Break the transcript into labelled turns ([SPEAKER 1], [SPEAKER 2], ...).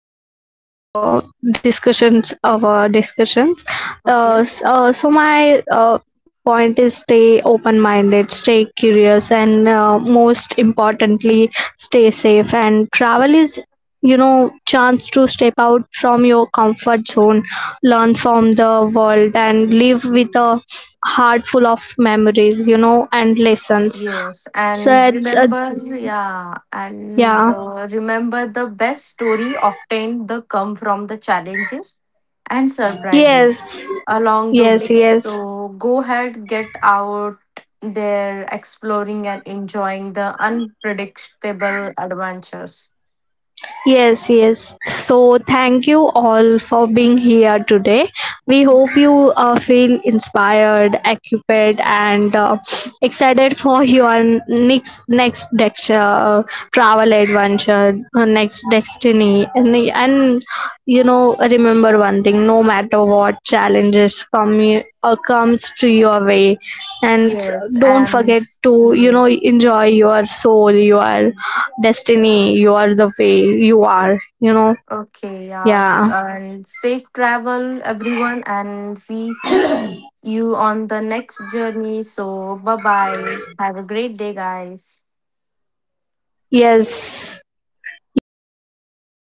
[SPEAKER 1] up that discussions of our discussions.
[SPEAKER 2] Okay.
[SPEAKER 1] S- so my point is stay open-minded, stay curious, and, most importantly, stay safe. And travel is, chance to step out from your comfort zone, learn from the world, and live with a heart full of memories and lessons.
[SPEAKER 2] Yes. And
[SPEAKER 1] So it's a.
[SPEAKER 2] remember, yeah, and
[SPEAKER 1] Yeah.
[SPEAKER 2] remember the best story often the come from the challenges and surprises
[SPEAKER 1] Yes,
[SPEAKER 2] along the
[SPEAKER 1] yes,
[SPEAKER 2] way.
[SPEAKER 1] yes,
[SPEAKER 2] So go ahead, get out there exploring and enjoying the unpredictable adventures.
[SPEAKER 1] yes, yes. So, thank you all for being here today. We hope
[SPEAKER 2] Mhm.
[SPEAKER 1] you feel inspired, occupied, and, excited for your next lecture, travel adventure, next destiny, and you know, remember one thing. No matter what challenges comes to your way, and
[SPEAKER 2] Yes,
[SPEAKER 1] don't forget to,
[SPEAKER 2] yes.
[SPEAKER 1] enjoy your soul, your destiny, you are the way you are, you know.
[SPEAKER 2] Okay, yes.
[SPEAKER 1] Yeah.
[SPEAKER 2] And safe travel, everyone, and we see you on the next journey. So, bye bye. Have a great day, guys.
[SPEAKER 1] Yes. Yes. The final